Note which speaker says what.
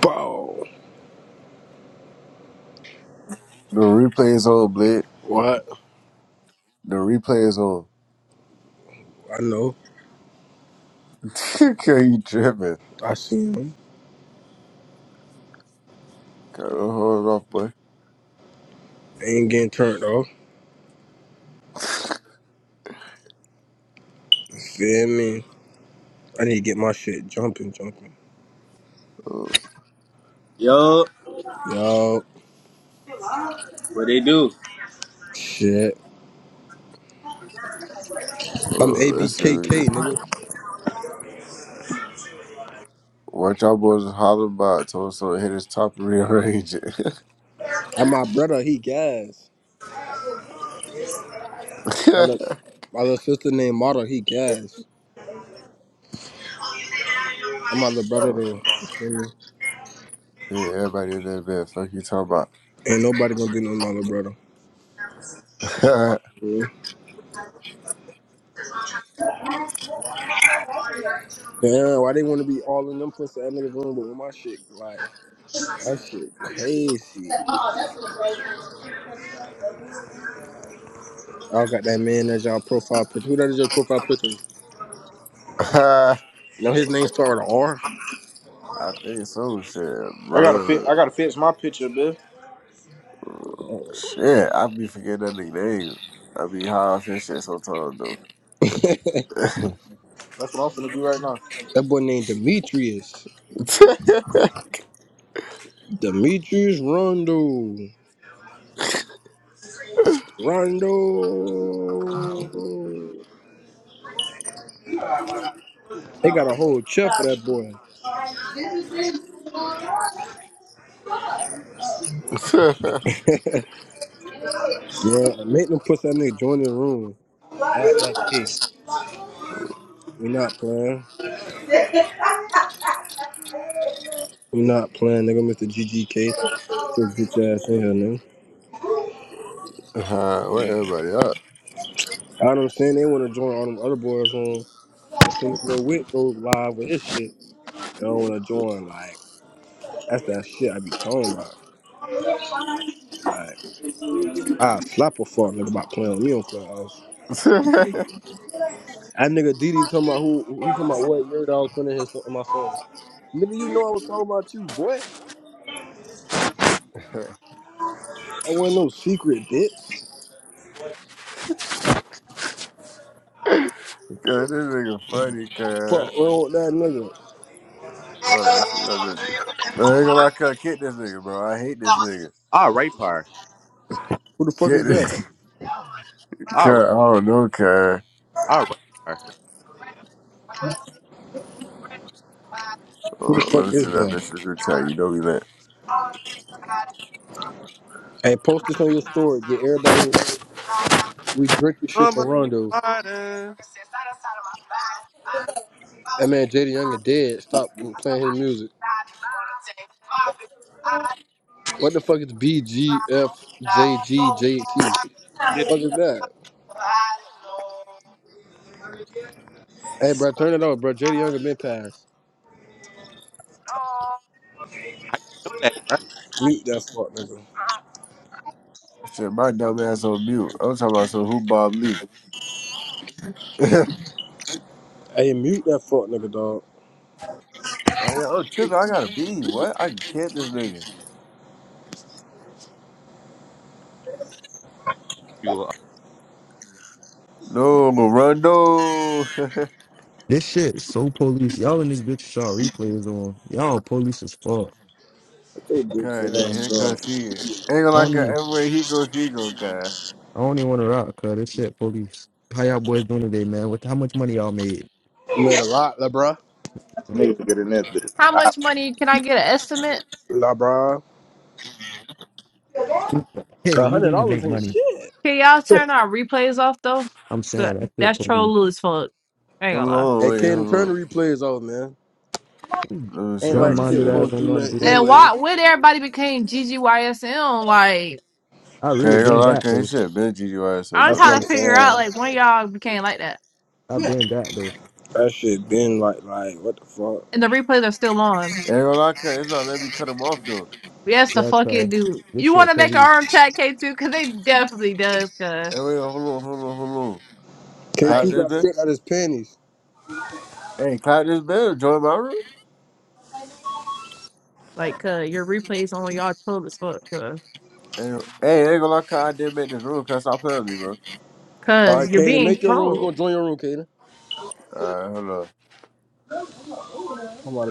Speaker 1: Bro,
Speaker 2: The replay is on, Blade.
Speaker 1: what?
Speaker 2: The replay is on.
Speaker 1: I know.
Speaker 2: Girl, you tripping.
Speaker 1: I see him.
Speaker 2: Got do hold off, boy.
Speaker 1: Ain't getting turned off. Feel me? I need to get my shit jumping, jumping.
Speaker 3: Yo,
Speaker 1: Yo,
Speaker 3: what they do?
Speaker 1: shit. I'm
Speaker 2: Oh, that's it. we good.
Speaker 1: ABKK, nigga.
Speaker 2: What y'all boys is hollering about, told someone to hit his top and rearrange it.
Speaker 1: And my brother, he gas. My little, my little sister named Mata, he gas. I'm my little brother,
Speaker 2: oh,
Speaker 1: though. You feel me?
Speaker 2: yeah, everybody in that bed, fuck you talking
Speaker 1: Ain't nobody gonna do nothing to my little brother.
Speaker 2: about.
Speaker 1: Mm. Damn, why they wanna be all in them pussy ass niggas room, but with my shit, like, that shit crazy. I got that man as y'all profile picture. Who that is your profile picture? No, his name started with a R.
Speaker 2: I think so, shit,
Speaker 3: I gotta fi-
Speaker 2: bro.
Speaker 3: I gotta fix my picture, bitch.
Speaker 1: Oh,
Speaker 2: Shit, I be forgetting that nigga name. I be high off his shit sometimes, though.
Speaker 3: That's what I'm finna do right now.
Speaker 1: That boy named Demetrius. Demetrius Rondo. Rondo. They got a whole chef for that boy. yeah, and make them push that nigga join the room. At that cake. We not playing. We not playing, nigga. Mr. GGK. Get Your ass in here, nigga.
Speaker 2: uh, where everybody
Speaker 1: All I'm saying, they want to join all them other boys' room. But since Lil Wick go live with his shit, they don't want to join. Like, that's that shit I be talking about. Like. I slap a fuck nigga about playing with me on Clubhouse.
Speaker 2: up?
Speaker 1: That nigga Didi talking about who who- he talking about what your dog could in hit so- my phone. Nigga, you know I was talking about you, boy. That wasn't no secret, bitch.
Speaker 2: God, this nigga funny, cuz.
Speaker 1: Fuck wrong with that nigga.
Speaker 2: Oh, that shit, that's, that's, I ain't gonna lie, cuz. Kick this nigga, bro. I hate this nigga.
Speaker 4: All right, par.
Speaker 1: Who the fuck
Speaker 2: Kick
Speaker 1: is
Speaker 2: this
Speaker 1: that?
Speaker 4: All
Speaker 2: cuz.
Speaker 4: right,
Speaker 2: I don't know, cuz.
Speaker 4: all right, par.
Speaker 1: Who the
Speaker 2: Oh, let
Speaker 1: fuck
Speaker 2: me see
Speaker 1: is
Speaker 2: that
Speaker 1: that?
Speaker 2: bitch a good time. You know me that.
Speaker 1: Hey, post this on your story. Get everybody we drink this shit
Speaker 4: I'm
Speaker 1: for
Speaker 4: a
Speaker 1: Rondo.
Speaker 4: fighter. Listen, how
Speaker 1: That man JD Young is dead. Stop playing his music.
Speaker 4: you
Speaker 1: What the fuck is BGFJGJT? What the fuck is that? Hey, bro, turn it off, bro. JD Young has been passed.
Speaker 4: know that, bro?
Speaker 1: Mute that fuck, nigga.
Speaker 2: Shit, my dumb ass on mute. I'm talking about some who Bob Lee. oh, yeah.
Speaker 1: Hey, mute that fuck nigga, dog.
Speaker 2: Oh, Trippy, I got a bean. What? I can kick this nigga.
Speaker 4: You
Speaker 2: No, Rondo.
Speaker 5: This shit so police. Y'all in this bitch shot replays on. Y'all police as fuck.
Speaker 1: That's your bitch
Speaker 2: God, then
Speaker 1: ass,
Speaker 2: here
Speaker 1: dog.
Speaker 2: comes she. Ain't gonna
Speaker 5: I
Speaker 2: lie,
Speaker 5: don't
Speaker 2: cuz.
Speaker 5: even
Speaker 2: Everywhere he goes, she go, cuz.
Speaker 5: I don't even wanna rock, cuz this shit police. How y'all boys doing today, man? What how much money y'all made?
Speaker 1: Made a lot, la bruh.
Speaker 3: Nigga, get in that
Speaker 6: How
Speaker 3: bitch.
Speaker 6: much money can I get an estimate?
Speaker 1: La bruh.
Speaker 5: Kidding,
Speaker 1: A
Speaker 5: you
Speaker 1: hundred
Speaker 5: didn't even
Speaker 1: dollars
Speaker 5: make
Speaker 1: ain't
Speaker 5: money.
Speaker 1: shit.
Speaker 6: Can y'all turn our replays off though?
Speaker 5: I'm
Speaker 6: So,
Speaker 5: saying that shit
Speaker 6: That's
Speaker 5: police.
Speaker 6: troll Lewis fuck. I ain't
Speaker 2: Hold
Speaker 6: gonna lie.
Speaker 2: on,
Speaker 1: Hey,
Speaker 2: wait,
Speaker 1: Caden,
Speaker 2: hold
Speaker 1: turn
Speaker 2: on.
Speaker 1: the replays off, man.
Speaker 2: Let me see,
Speaker 1: Ain't
Speaker 5: Dumb
Speaker 1: like
Speaker 2: let
Speaker 1: shit
Speaker 5: minded
Speaker 1: we're
Speaker 2: me
Speaker 5: ass
Speaker 2: see.
Speaker 1: gonna
Speaker 5: don't
Speaker 1: do
Speaker 5: know how to do
Speaker 1: nothing
Speaker 5: that
Speaker 6: And
Speaker 5: shit.
Speaker 1: anyway.
Speaker 6: why when everybody became GGYSM, like
Speaker 5: I
Speaker 2: Okay,
Speaker 5: really
Speaker 2: ain't gonna
Speaker 5: been
Speaker 2: lie,
Speaker 5: that
Speaker 2: cause this
Speaker 5: though.
Speaker 2: shit been GG ass up
Speaker 6: I'm
Speaker 2: though.
Speaker 1: That's what
Speaker 6: trying
Speaker 1: I'm
Speaker 6: to figure out
Speaker 1: saying.
Speaker 6: like when y'all became like that.
Speaker 5: I been that though.
Speaker 1: That shit been like, like, what the fuck?
Speaker 6: And the replays are still on.
Speaker 2: Ain't gonna lie, cause it's not let me cut him off though.
Speaker 6: Yes, the
Speaker 5: Yeah,
Speaker 6: fuck
Speaker 5: cuz
Speaker 6: it, dude.
Speaker 5: this
Speaker 6: You
Speaker 5: shit
Speaker 6: wanna make an
Speaker 5: police.
Speaker 6: arm tag K two? Cause they definitely does cuz
Speaker 2: Hey, wait, hold on, hold on, hold on. Clap
Speaker 1: K2
Speaker 6: like
Speaker 2: this
Speaker 1: got
Speaker 2: bit.
Speaker 1: stripped out his panties.
Speaker 2: Hey, clap this bit. Join my room.
Speaker 6: like cuz your replays on y'all troll as fuck cuz
Speaker 2: Hey, hey, ain't gonna lie, cause I did make this room. Cause stop playing with me, bro.
Speaker 1: All right,
Speaker 6: cuz you're
Speaker 1: Caden,
Speaker 6: being
Speaker 1: make your room. we
Speaker 6: trolled.
Speaker 1: gonna join your room, Caden.
Speaker 2: Alright, hold on.
Speaker 1: Come on.